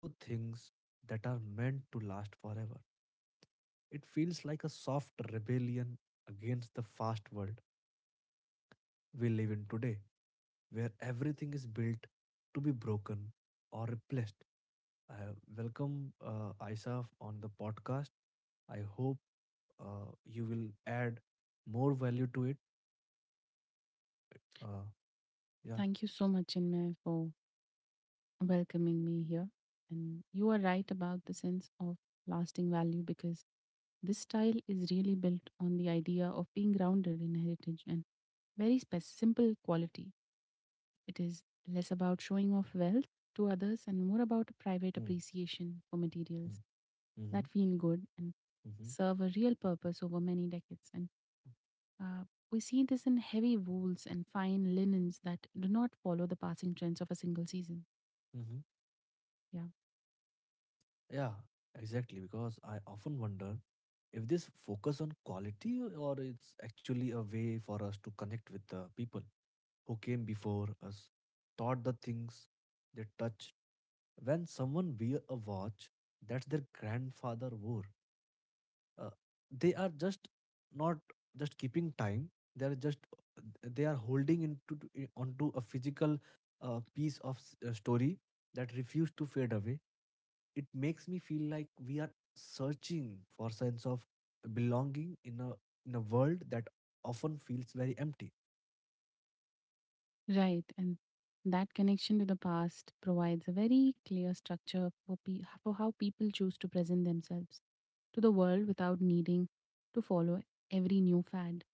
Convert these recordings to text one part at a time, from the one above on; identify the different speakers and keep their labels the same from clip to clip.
Speaker 1: to things that are meant to last forever. It feels like a soft rebellion against the fast world we live in today, where everything is built to be broken or replaced. I welcome Isaf on the podcast. I hope you will add more value to it. Uh, yeah.
Speaker 2: Thank you so much, Chinmay, for welcoming me here. And you are right about the sense of lasting value because this style is really built on the idea of being grounded in heritage and simple quality. It is less about showing off wealth to others and more about a private
Speaker 1: Mm,
Speaker 2: appreciation for materials
Speaker 1: mm, mhm,
Speaker 2: that feel good and
Speaker 1: mhm,
Speaker 2: serve a real purpose over many decades. And uh, we see this in heavy wools and fine linens that do not follow the passing trends of a single season.
Speaker 1: mhm.
Speaker 2: Yeah,
Speaker 1: Yeah, exactly. Because I often wonder if this focus on quality or it's actually a way for us to connect with the people who came before us taught the things they touched. When someone wear a watch that their grandfather wore, uh, they are just not just keeping time. They are holding onto a physical piece of story that refused to fade away. It makes me feel like we are searching for sense of belonging in a world that often feels very empty.
Speaker 2: right. And that connection to the past provides a very clear structure for how people choose to present themselves to the world without needing to follow every new fad.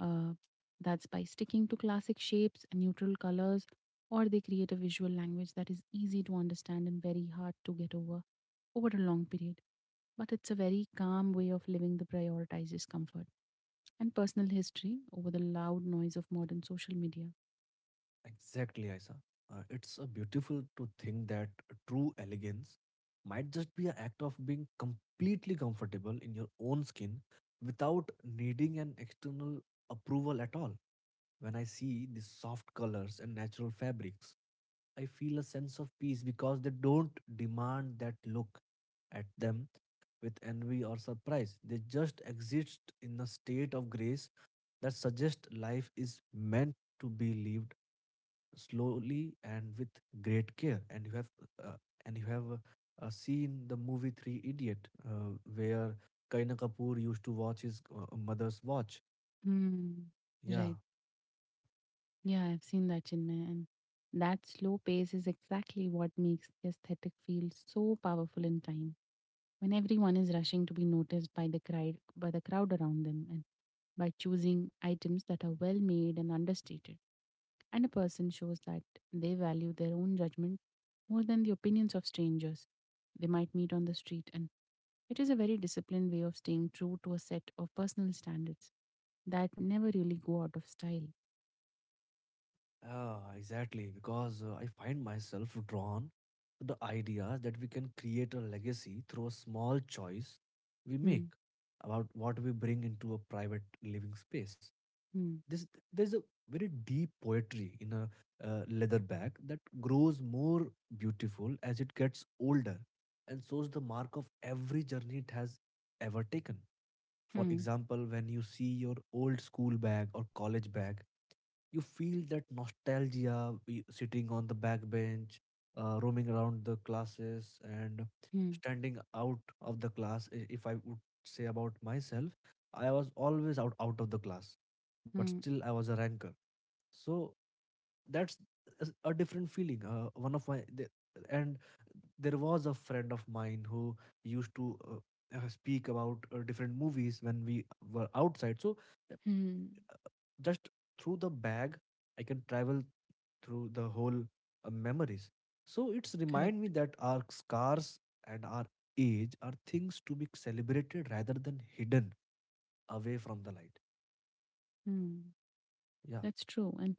Speaker 2: Uh, that's by sticking to classic shapes and neutral colors, or they create a visual language that is easy to understand and very hard to get over a long period. But it's a very calm way of living that prioritizes comfort and personal history over the loud noise of modern social media.
Speaker 1: Exactly, Aisa. It's a beautiful to think that true elegance might just be an act of being completely comfortable in your own skin without needing an external approval at all. When I see the soft colors and natural fabrics, I feel a sense of peace because they don't demand that look at them with envy or surprise. They just exist in a state of grace that suggests life is meant to be lived slowly and with great care. And you have uh, and you have seen the movie Three Idiot where Kareena Kapoor used to watch his mother's watch.
Speaker 2: Hmm.
Speaker 1: Yeah.
Speaker 2: Right. Yeah, I've seen that, Chinmay. And that slow pace is exactly what makes the aesthetic feel so powerful in time. When everyone is rushing to be noticed by the crowd around them, and by choosing items that are well made and understated, and a person shows that they value their own judgment more than the opinions of strangers they might meet on the street, and it is a very disciplined way of staying true to a set of personal standards that never really go out of style.
Speaker 1: Ah, exactly. Because I find myself drawn to the idea that we can create a legacy through a small choice we
Speaker 2: Hmm.
Speaker 1: make about what we bring into a private living space.
Speaker 2: Hmm.
Speaker 1: This, there's a very deep poetry in a leather bag that grows more beautiful as it gets older and shows the mark of every journey it has ever taken. For
Speaker 2: Hmm.
Speaker 1: example, when you see your old school bag or college bag, you feel that nostalgia sitting on the back bench, roaming around the classes, and
Speaker 2: Hmm.
Speaker 1: standing out of the class. If I would say about myself, I was always out of the class, but
Speaker 2: Hmm.
Speaker 1: still I was a ranker. So that's different feeling. Uh, one of my the, and there was a friend of mine who used to speak about different movies when we were outside.
Speaker 2: Mm.
Speaker 1: Uh, just through the bag, I can travel through the whole memories, so it's remind me
Speaker 2: Correct.
Speaker 1: that our scars and our age are things to be celebrated rather than hidden away from the light.
Speaker 2: Hmm.
Speaker 1: Yeah,
Speaker 2: That's true. And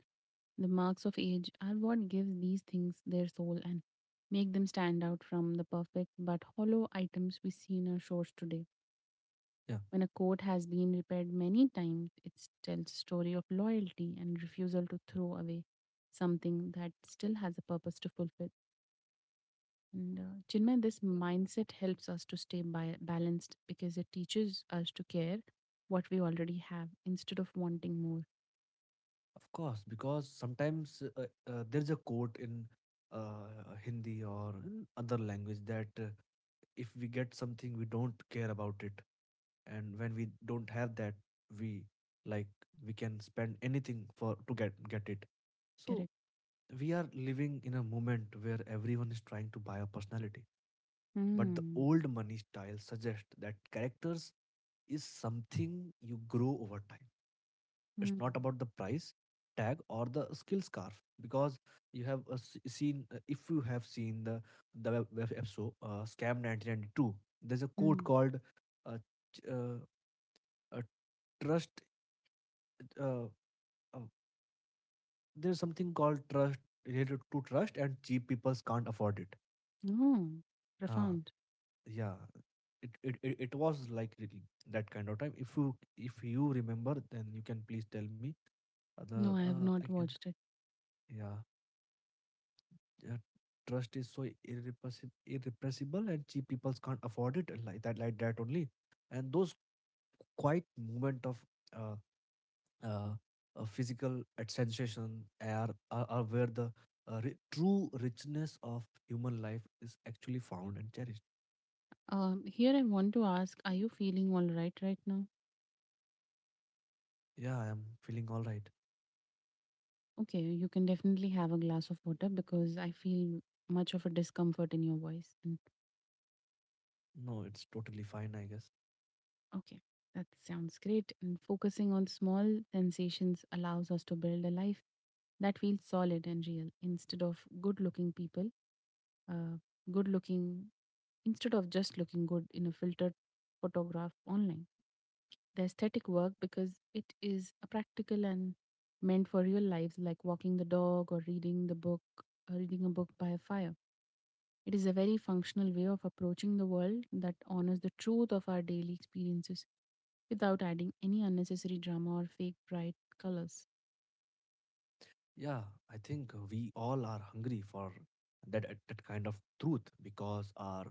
Speaker 2: the marks of age are what gives these things their soul and make them stand out from the perfect but hollow items we see in our shores today.
Speaker 1: yeah.
Speaker 2: When a coat has been repaired many times, it tells a story of loyalty and refusal to throw away something that still has a purpose to fulfill. And Chinmay, this mindset helps us to stay balanced because it teaches us to care what we already have instead of wanting more.
Speaker 1: Of course, because sometimes there's a quote in Hindi or in other language that if we get something, we don't care about it. And when we don't have that, we, like, we can spend anything for to get it. So
Speaker 2: Correct.
Speaker 1: we are living in a moment where everyone is trying to buy a personality. But the
Speaker 2: Hmm.
Speaker 1: old money style suggests that characters is something you grow over time. It's
Speaker 2: Hmm.
Speaker 1: not about the price tag or the skill scarf because you have s- seen if you have seen the web episode scam 1992, there's a quote
Speaker 2: Hmm.
Speaker 1: called, uh, ch- uh, trust uh, uh, there's something called trust, related to trust, and cheap peoples can't afford it.
Speaker 2: Oh,
Speaker 1: Ah,
Speaker 2: profound.
Speaker 1: yeah, it was like really that kind of time. If you, if you remember then you can please tell me other.
Speaker 2: No, I have
Speaker 1: I
Speaker 2: not watched it.
Speaker 1: can yeah uh, Trust is so irrepressible and cheap people can't afford it, like that, like that only. And those quiet moment of uh, uh, physical sensation are where the true richness of human life is actually found and cherished.
Speaker 2: Here I want to ask, are you feeling all right right now?
Speaker 1: Yeah, I am feeling all right.
Speaker 2: Okay, you can definitely have a glass of water because I feel much of a discomfort in your voice.
Speaker 1: No, it's totally fine, I guess.
Speaker 2: Okay, that sounds great. And focusing on small sensations allows us to build a life that feels solid and real instead of good looking people, uh, good looking, instead of just looking good in a filtered photograph online. The aesthetic work because it is a practical and meant for real lives like walking the dog or reading the book or reading a book by a fire. It is a very functional way of approaching the world that honors the truth of our daily experiences without adding any unnecessary drama or fake bright colors.
Speaker 1: Yeah, I think we all are hungry for that, that kind of truth because our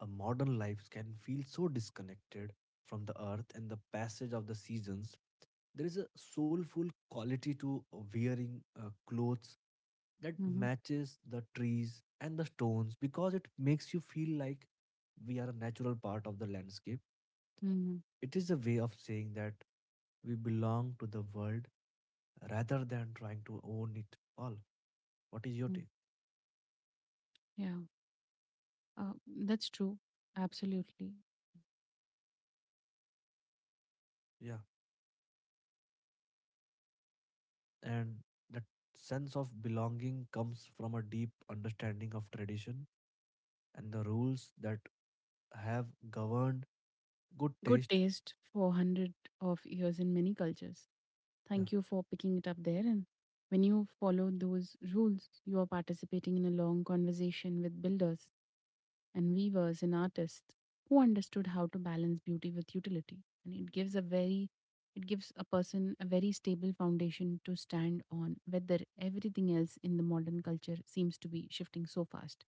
Speaker 1: modern lives can feel so disconnected from the earth and the passage of the seasons. There is a soulful quality to wearing clothes that
Speaker 2: Mm-hmm.
Speaker 1: matches the trees and the stones because it makes you feel like we are a natural part of the landscape.
Speaker 2: Mm-hmm.
Speaker 1: It is a way of saying that we belong to the world rather than trying to own it all. What is your take?
Speaker 2: Yeah, uh, that's true. Absolutely.
Speaker 1: Yeah. And that sense of belonging comes from a deep understanding of tradition and the rules that have governed good
Speaker 2: Good
Speaker 1: taste.
Speaker 2: taste for 100 of years in many cultures.
Speaker 1: Yeah.
Speaker 2: Thank you for picking it up there. And when you follow those rules, you are participating in a long conversation with builders and weavers and artists who understood how to balance beauty with utility. And it gives a person a very stable foundation to stand on whether everything else in the modern culture seems to be shifting so fast.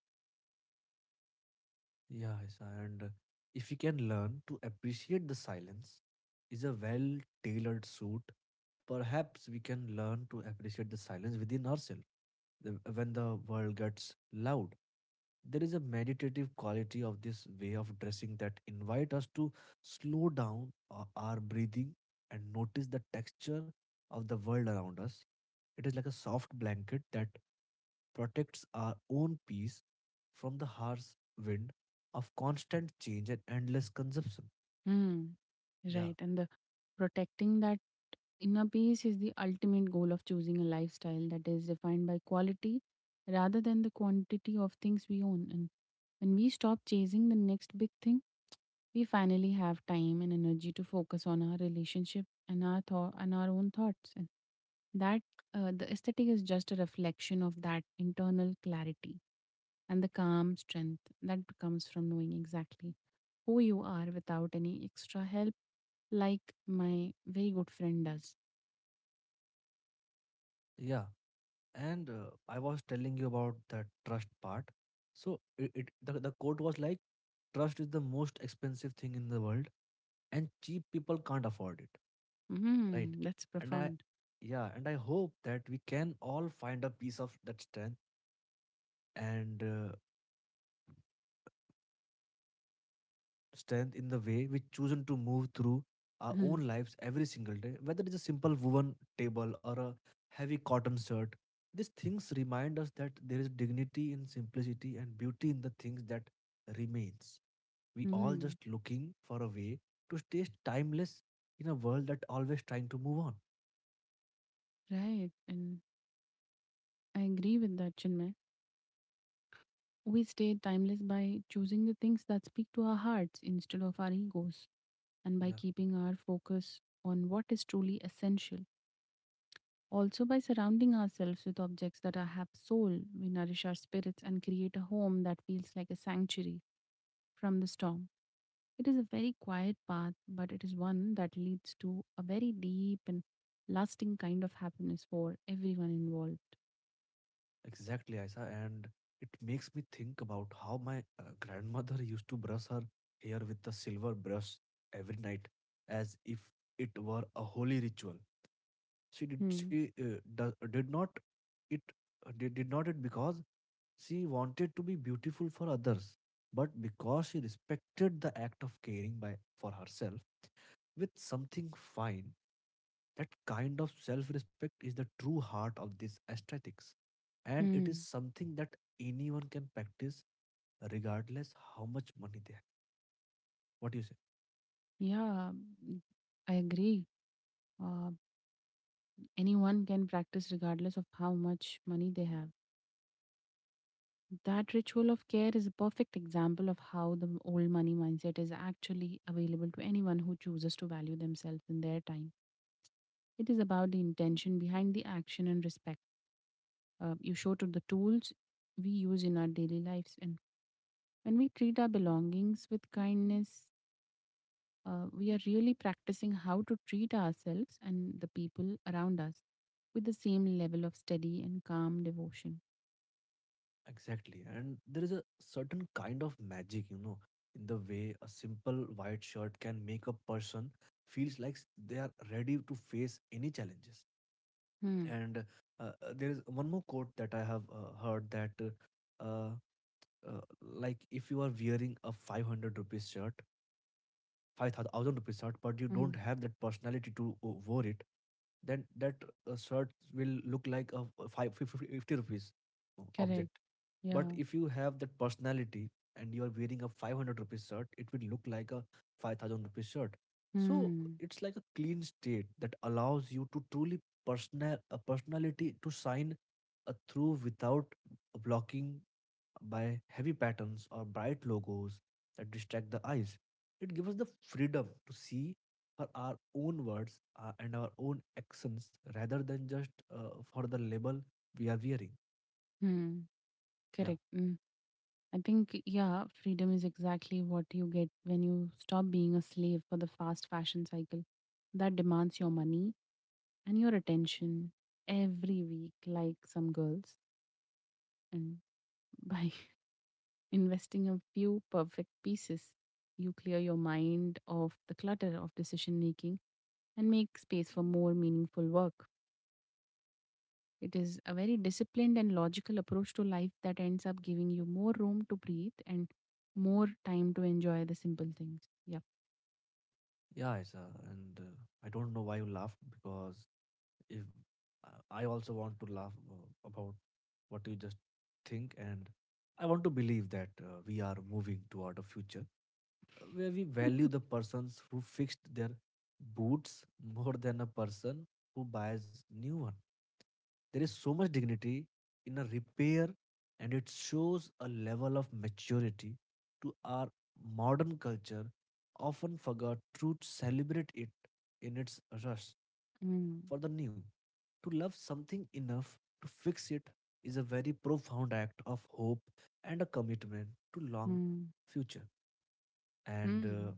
Speaker 1: Yeah, Isa, and if you can learn to appreciate the silence is a well tailored suit, perhaps we can learn to appreciate the silence within ourselves. When the world gets loud, there is a meditative quality of this way of dressing that invite us to slow down our breathing and notice the texture of the world around us. It is like a soft blanket that protects our own peace from the harsh wind of constant change and endless consumption.
Speaker 2: Hmm.
Speaker 1: Yeah,
Speaker 2: Right. And the protecting that inner peace is the ultimate goal of choosing a lifestyle that is defined by quality rather than the quantity of things we own. And when we stop chasing the next big thing, we finally have time and energy to focus on our relationship and our own thoughts and that the aesthetic is just a reflection of that internal clarity and the calm strength that comes from knowing exactly who you are without any extra help like my very good friend does.
Speaker 1: yeah. And I was telling you about the trust part. So the quote was like, trust is the most expensive thing in the world, and cheap people can't afford it, right?
Speaker 2: Mm, that's
Speaker 1: And I,
Speaker 2: profound.
Speaker 1: yeah, and I hope that we can all find a piece of that strength and strength in the way we chosen to move through our
Speaker 2: Mhm.
Speaker 1: own lives every single day, whether it's a simple woven table or a heavy cotton shirt. These things remind us that there is dignity in simplicity and beauty in the things that remains. We all
Speaker 2: Mm,
Speaker 1: just looking for a way to stay timeless in a world that always trying to move on.
Speaker 2: right. And I agree with that, Chinmay. We stay timeless by choosing the things that speak to our hearts instead of our egos, and by
Speaker 1: Yeah.
Speaker 2: keeping our focus on what is truly essential. Also, by surrounding ourselves with objects that have soul, we nourish our spirits and create a home that feels like a sanctuary from the storm. It is a very quiet path, but it is one that leads to a very deep and lasting kind of happiness for everyone involved.
Speaker 1: Exactly, Aisa. And it makes me think about how my grandmother used to brush her hair with a silver brush every night, as if it were a holy ritual. She did.
Speaker 2: Hmm.
Speaker 1: She did not it. Did not it because she wanted to be beautiful for others, but because she respected the act of caring by for herself with something fine. That kind of self respect is the true heart of this aesthetics, and it is
Speaker 2: Hmm.
Speaker 1: something that anyone can practice regardless how much money they have. What do you say?
Speaker 2: Yeah, I agree. Uh, Anyone can practice regardless of how much money they have. That ritual of care is a perfect example of how the old money mindset is actually available to anyone who chooses to value themselves and their time. It is about the intention behind the action and respect you show to the tools we use in our daily lives. And when we treat our belongings with kindness, we are really practicing how to treat ourselves and the people around us with the same level of steady and calm devotion.
Speaker 1: Exactly. And there is a certain kind of magic, you know, in the way a simple white shirt can make a person feels like they are ready to face any challenges.
Speaker 2: Hmm.
Speaker 1: And there is one more quote that I have heard that, uh, like, if you are wearing a 500 rupees shirt, 5,000 rupees shirt, but you don't
Speaker 2: Hmm.
Speaker 1: have that personality to wear it, then that shirt will look like a rupees
Speaker 2: Correct.
Speaker 1: object. But
Speaker 2: Yeah.
Speaker 1: if you have that personality and you are wearing a 500 rupees shirt, it will look like a 5,000 rupees shirt. So
Speaker 2: Hmm.
Speaker 1: it's like a clean state that allows you to truly personality to shine through without blocking by heavy patterns or bright logos that distract the eyes. It gives us the freedom to see for our own words and our own actions rather than just for the label we are wearing.
Speaker 2: Hmm.
Speaker 1: Yeah,
Speaker 2: Correct. Mm. I think, yeah, freedom is exactly what you get when you stop being a slave for the fast fashion cycle that demands your money and your attention every week, like some girls. And by investing a few perfect pieces, you clear your mind of the clutter of decision making and make space for more meaningful work. It is a very disciplined and logical approach to life that ends up giving you more room to breathe and more time to enjoy the simple things. Yeah.
Speaker 1: yeah, it's, and I don't know why you laughed because if I also want to laugh about what you just think, and I want to believe that we are moving toward a future where we value the persons who fixed their boots more than a person who buys new one. There is so much dignity in a repair and it shows a level of maturity to our modern culture often forgot to celebrate it in its rush
Speaker 2: Mm,
Speaker 1: for the new. To love something enough to fix it is a very profound act of hope and a commitment to long
Speaker 2: mm,
Speaker 1: future. And
Speaker 2: mm,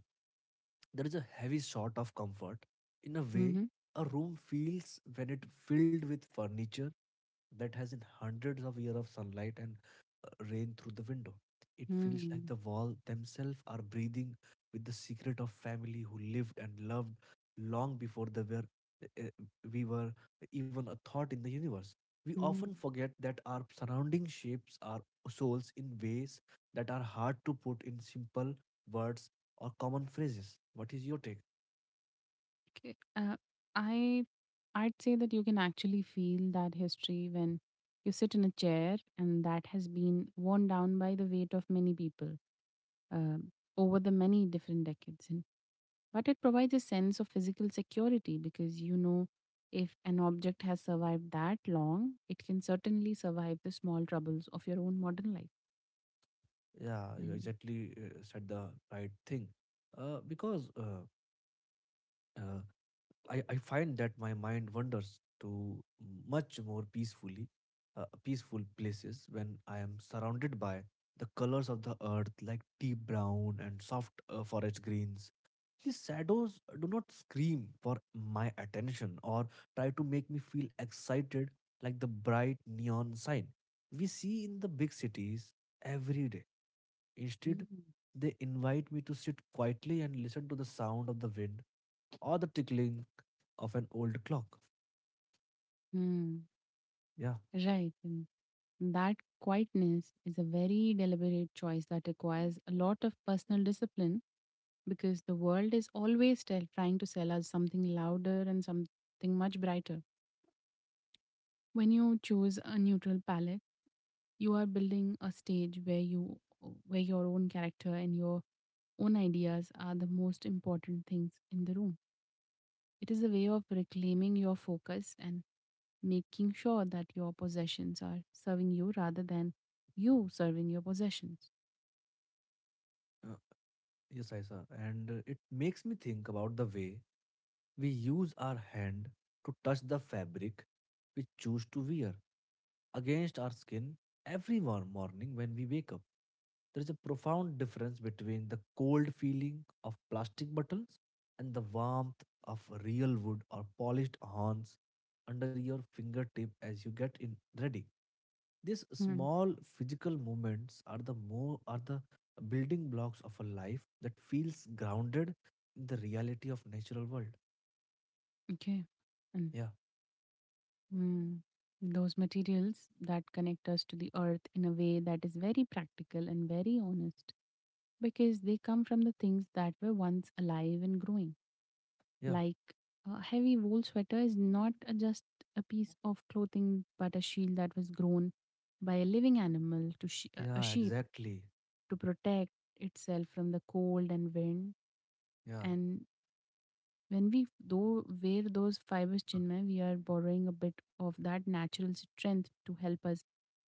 Speaker 1: there is a heavy sort of comfort in a way
Speaker 2: mhm.
Speaker 1: a room feels when it filled with furniture that has in hundreds of years of sunlight and rain through the window. It feels like
Speaker 2: Mm,
Speaker 1: the wall themselves are breathing with the secret of family who lived and loved long before they were uh, we were even a thought in the universe. We often
Speaker 2: mm.
Speaker 1: forget that our surrounding shapes our souls in ways that are hard to put in simple words or common phrases. What is your take?
Speaker 2: Okay. I I'd say that you can actually feel that history when you sit in a chair, and that has been worn down by the weight of many people um, over the many different decades. And but it provides a sense of physical security because you know if an object has survived that long, it can certainly survive the small troubles of your own modern life.
Speaker 1: Yeah, you
Speaker 2: And
Speaker 1: exactly said the right thing. Because uh, I find that my mind wanders to much more peaceful places when I am surrounded by the colors of the earth, like deep brown and soft forest greens. These shadows do not scream for my attention or try to make me feel excited like the bright neon sign we see in the big cities every day. Instead,
Speaker 2: mm,
Speaker 1: they invite me to sit quietly and listen to the sound of the wind or the tickling of an old clock.
Speaker 2: mm,
Speaker 1: Yeah,
Speaker 2: right. And that quietness is a very deliberate choice that requires a lot of personal discipline because the world is always trying to sell us something louder and something much brighter. When you choose a neutral palette, you are building a stage where you where your own character and your own ideas are the most important things in the room. It is a way of reclaiming your focus and making sure that your possessions are serving you rather than you serving your possessions.
Speaker 1: uh, yes, Isa. And it makes me think about the way we use our hand to touch the fabric we choose to wear against our skin every morning when we wake up. There is a profound difference between the cold feeling of plastic buttons and the warmth of real wood or polished horns under your fingertip as you get in ready. These
Speaker 2: Hmm.
Speaker 1: small physical movements are the more are the building blocks of a life that feels grounded in the reality of natural world.
Speaker 2: Okay. And
Speaker 1: Yeah,
Speaker 2: hmm, those materials that connect us to the earth in a way that is very practical and very honest because they come from the things that were once alive and growing.
Speaker 1: yeah,
Speaker 2: Like a heavy wool sweater is not a- just a piece of clothing, but a shield that was grown by a living animal to a
Speaker 1: yeah,
Speaker 2: sheep
Speaker 1: exactly.
Speaker 2: to protect itself from the cold and wind.
Speaker 1: Yeah,
Speaker 2: And when we though wear those fibers, Chinmay, we are borrowing a bit of that natural strength to help us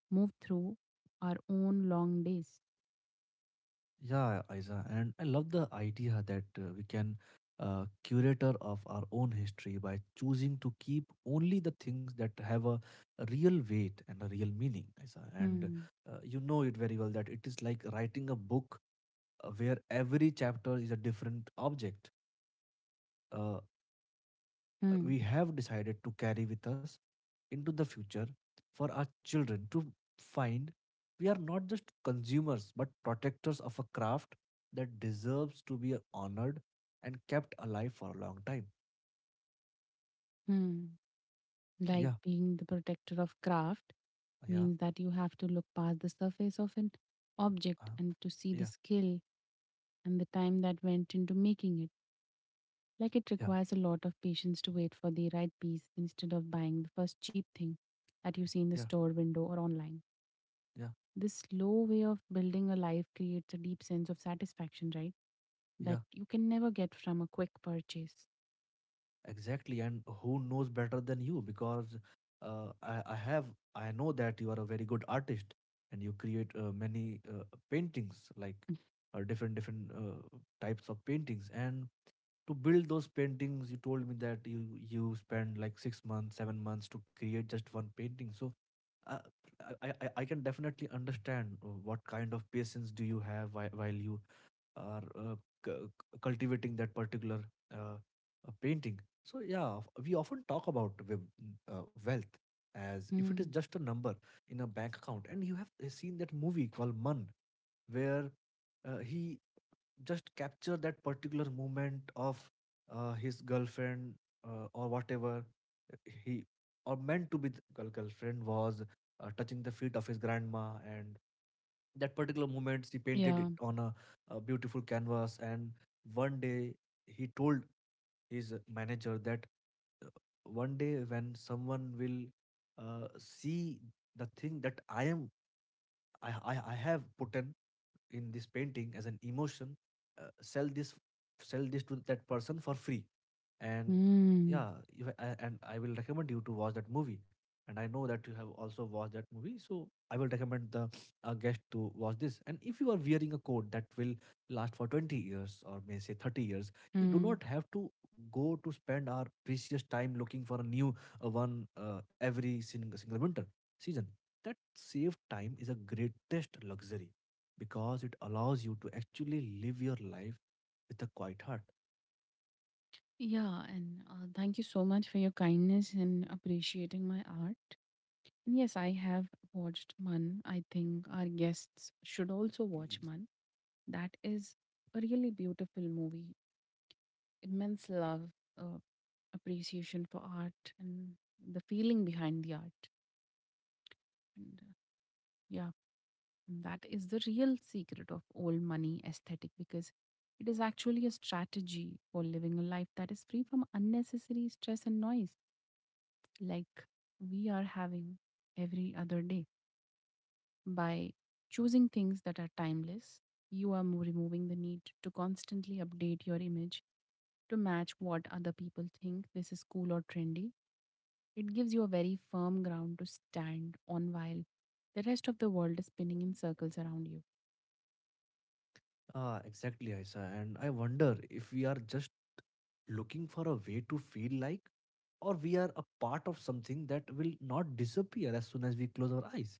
Speaker 2: move through our own long days.
Speaker 1: yeah, Aiza. And I love the idea that we can curator of our own history by choosing to keep only the things that have a real weight and a real meaning, Aiza. And
Speaker 2: Hmm.
Speaker 1: you know it very well that it is like writing a book where every chapter is a different object, uh,
Speaker 2: Hmm.
Speaker 1: we have decided to carry with us into the future for our children to find. We are not just consumers but protectors of a craft that deserves to be honored and kept alive for a long time.
Speaker 2: Hmm.
Speaker 1: Yeah,
Speaker 2: Like being the protector of craft
Speaker 1: yeah,
Speaker 2: means that you have to look past the surface of an object
Speaker 1: uh,
Speaker 2: and to see the
Speaker 1: yeah,
Speaker 2: skill and the time that went into making it. Like it
Speaker 1: yeah,
Speaker 2: requires a lot of patience to wait for the right piece instead of buying the first cheap thing that you see in the
Speaker 1: yeah,
Speaker 2: store window or online.
Speaker 1: yeah,
Speaker 2: This slow way of building a life creates a deep sense of satisfaction, right?
Speaker 1: yeah.
Speaker 2: That you can never get from a quick purchase.
Speaker 1: Exactly, and who knows better than you? Because uh, I, I have, I know that you are a very good artist, and you create many paintings, like different types of paintings. And to build those paintings you told me that you spend like 6 months 7 months to create just one painting. So uh, I can definitely understand what kind of patience do you have while, are uh, cu- cultivating that particular painting. So yeah, we often talk about wealth as if it is
Speaker 2: Hmm.
Speaker 1: just a number in a bank account. And you have seen that movie called Man, where he just capture that particular moment of his girlfriend, or whatever, he or meant to be the girlfriend was touching the feet of his grandma. And that particular moment he painted it
Speaker 2: Yeah.
Speaker 1: on a beautiful canvas. And one day he told his manager that uh, one day when someone will see the thing that I am I have put in this painting as an emotion, uh, sell this sell this to that person for free. And
Speaker 2: Hmm.
Speaker 1: yeah, if I, I- and I will recommend you to watch that movie. And I know that you have also watched that movie, so I will recommend the guest to watch this. And if you are wearing a coat that will last for 20 years or may say 30 years, you do
Speaker 2: Hmm.
Speaker 1: not have to go to spend our precious time looking for a new one every single winter season. That saved time is a greatest luxury because it allows you to actually live your life with a quiet heart.
Speaker 2: Yeah, and thank you so much for your kindness and appreciating my art. And yes, I have watched Man. I think our guests should also watch Man. That is a really beautiful movie. Immense love, uh, appreciation for art, and the feeling behind the art. And yeah, that is the real secret of old money aesthetic because it is actually a strategy for living a life that is free from unnecessary stress and noise like we are having every other day. By choosing things that are timeless, you are removing the need to constantly update your image to match what other people think this is cool or trendy. It gives you a very firm ground to stand on while the rest of the world is spinning in circles around you.
Speaker 1: Ah, exactly, Aisa. And I wonder if we are just looking for a way to feel like, or we are a part of something that will not disappear as soon as we close our eyes.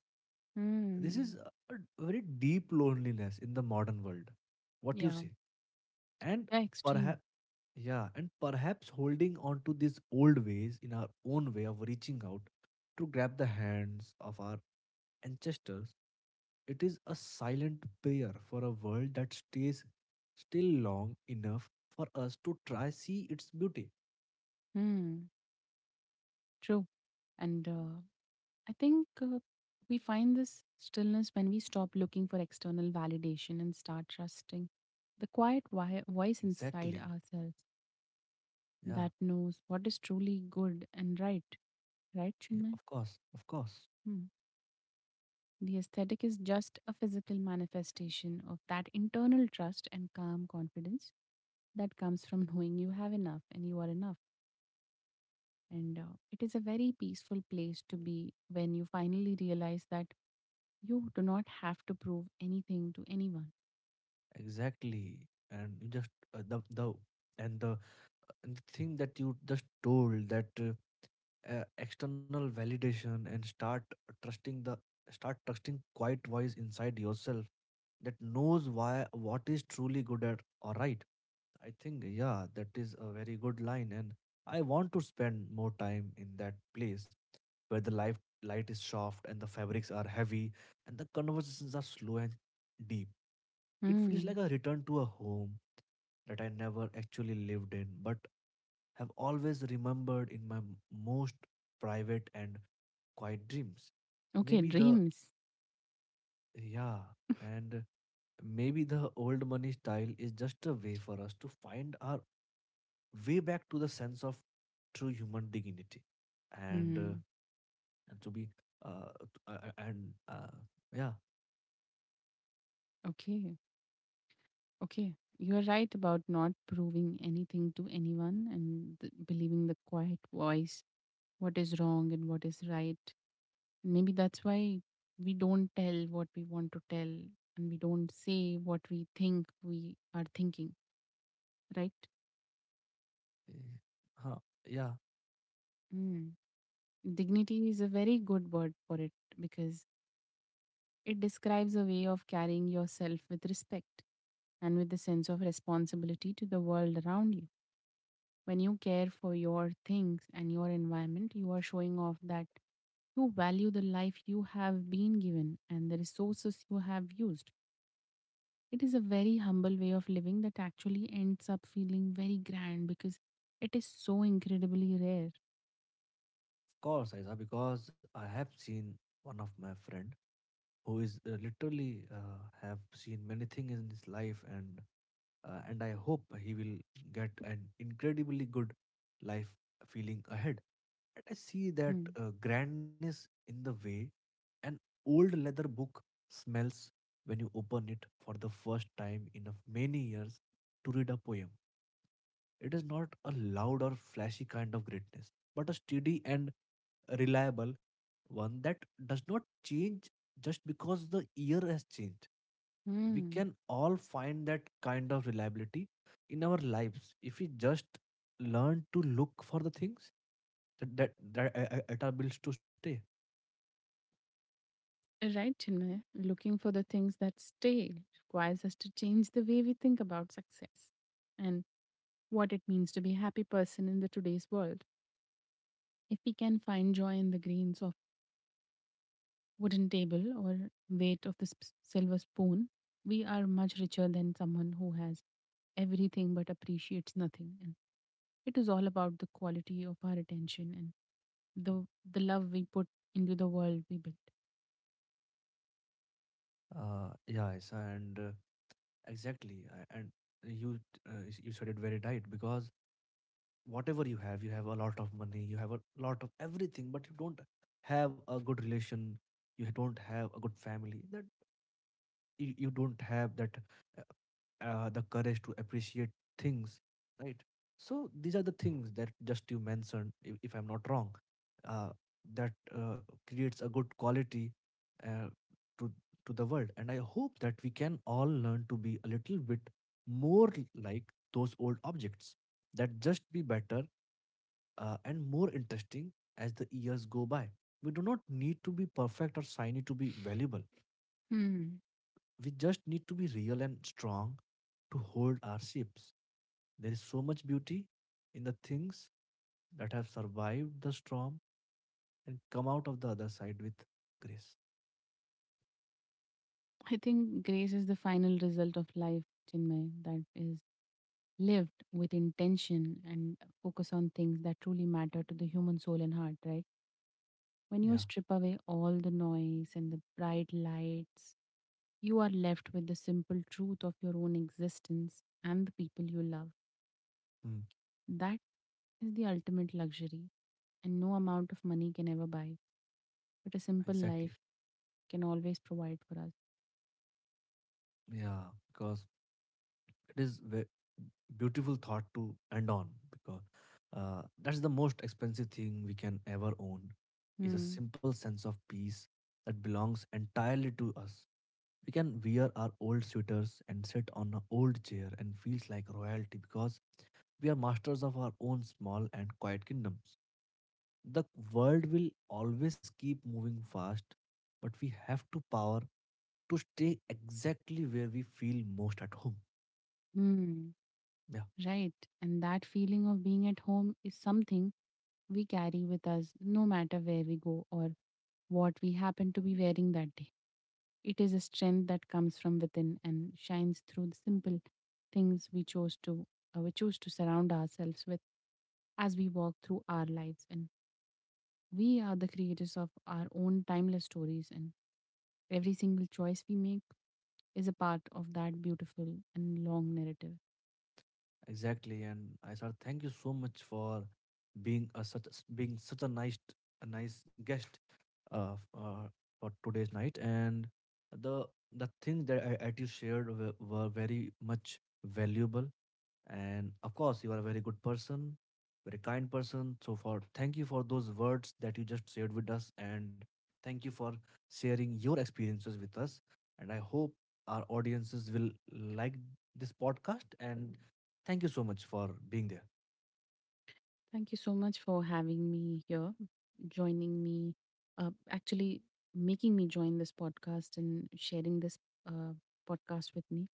Speaker 1: This is
Speaker 2: Hmm.
Speaker 1: a very deep loneliness in the modern world. What do you
Speaker 2: Yeah.
Speaker 1: say? And
Speaker 2: Yeah, extreme.
Speaker 1: perhaps, yeah, and perhaps holding on to these old ways in our own way of reaching out to grab the hands of our ancestors, it is a silent prayer for a world that stays still long enough for us to try see its beauty.
Speaker 2: Hmm. True. And I think we find this stillness when we stop looking for external validation and start trusting the voice inside
Speaker 1: Exactly.
Speaker 2: ourselves
Speaker 1: Yeah.
Speaker 2: that knows what is truly good and right. Right,
Speaker 1: Yeah,
Speaker 2: Chinmay?
Speaker 1: of course. Of course.
Speaker 2: Hmm. The aesthetic is just a physical manifestation of that internal trust and calm confidence that comes from knowing you have enough and you are enough. And it is a very peaceful place to be when you finally realize that you do not have to prove anything to anyone.
Speaker 1: Exactly. And you just uh, the the and the the thing that you just told, that external validation and start trusting the, start trusting quiet voice inside yourself that knows why what is truly good at or right. I think, yeah, that is a very good line, and I want to spend more time in that place where the light light is soft and the fabrics are heavy and the conversations are slow and deep. It feels
Speaker 2: Hmm.
Speaker 1: like a return to a home that I never actually lived in, but have always remembered in my most private and quiet dreams.
Speaker 2: Okay,
Speaker 1: Maybe the
Speaker 2: dreams.
Speaker 1: yeah, and Maybe the old money style is just a way for us to find our way back to the sense of true human dignity. And
Speaker 2: Hmm.
Speaker 1: and to be t- and yeah
Speaker 2: Okay. Okay. You are right about not proving anything to anyone and believing the quiet voice, what is wrong and what is right. Maybe that's why we don't tell what we want to tell and we don't say what we think we are thinking, right?
Speaker 1: eh, huh, yeah, of
Speaker 2: Hmm. Dignity is a very good word for it because it describes a way of carrying yourself with respect and with a sense of responsibility to the world around you. When you care for your things and your environment, you are showing off that you value the life you have been given and the resources you have used. It is a very humble way of living that actually ends up feeling very grand because it is so incredibly rare.
Speaker 1: course, Aiza, because I have seen one of my friend who is literally have seen many things in his life. And and I hope he will get an incredibly good life feeling ahead. And I see that
Speaker 2: Hmm.
Speaker 1: grandness in the way an old leather book smells when you open it for the first time in of many years to read a poem. It is not a loud or flashy kind of greatness, but a steady and reliable one that does not change just because the year has changed. We
Speaker 2: Hmm.
Speaker 1: can all find that kind of reliability in our lives if we just learn to look for the things that at our bills to stay.
Speaker 2: Right, Chinmay. Looking for the things that stay requires us to change the way we think about success and what it means to be a happy person in the today's world. If we can find joy in the grains of wooden table or weight of the silver spoon, we are much richer than someone who has everything but appreciates nothing. And it is all about the quality of our attention and the love we put into the world we built.
Speaker 1: Yes, and exactly, and you, uh, you said it very right, because whatever you have, you have a lot of money, you have a lot of everything, but you don't have a good relation, you don't have a good family. That you don't have that the courage to appreciate things, right? So these are the things that just you mentioned, if I'm not wrong, uh, that creates a good quality uh, to to the world. And I hope that we can all learn to be a little bit more like those old objects, that just be better and more interesting as the years go by. We do not need to be perfect or shiny to be valuable.
Speaker 2: Hmm.
Speaker 1: We just need to be real and strong to hold our ships. There is so much beauty in the things that have survived the storm and come out of the other side with grace.
Speaker 2: I think grace is the final result of life, Chinmay, that is lived with intention and focus on things that truly matter to the human soul and heart, right? When
Speaker 1: Yeah,
Speaker 2: you strip away all the noise and the bright lights, you are left with the simple truth of your own existence and the people you love.
Speaker 1: mm,
Speaker 2: That is the ultimate luxury, and no amount of money can ever buy, but a simple
Speaker 1: exactly.
Speaker 2: life can always provide for us.
Speaker 1: Yeah, because it is ve- beautiful thought to end on, because that's the most expensive thing we can ever own, is a
Speaker 2: Hmm.
Speaker 1: simple sense of peace that belongs entirely to us. We can wear our old sweaters and sit on an old chair and feels like royalty because we are masters of our own small and quiet kingdoms. The world will always keep moving fast, but we have to power to stay exactly where we feel most at home.
Speaker 2: Hmm.
Speaker 1: Yeah.
Speaker 2: Right. And that feeling of being at home is something we carry with us no matter where we go or what we happen to be wearing that day. It is a strength that comes from within and shines through the simple things we choose to surround ourselves with as we walk through our lives and we are the creators of our own timeless stories and every single choice we make is a part of that beautiful and long narrative.
Speaker 1: Exactly, and I said thank you so much for being such a nice, a nice guest uh, f- uh for today's night. And the the things that that you shared were very much valuable, and of course you are a very good person, very kind person. So for, thank you for those words that you just shared with us, and thank you for sharing your experiences with us. And I hope our audiences will like this podcast. And thank you so much for being there.
Speaker 2: Thank you so much for having me here. Joining me, actually making me join this podcast and sharing this uh, podcast with me.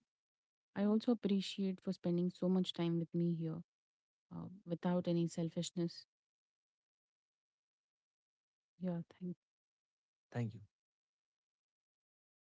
Speaker 2: I also appreciate for spending so much time with me here without any selfishness. Yeah, thank
Speaker 1: Thank you.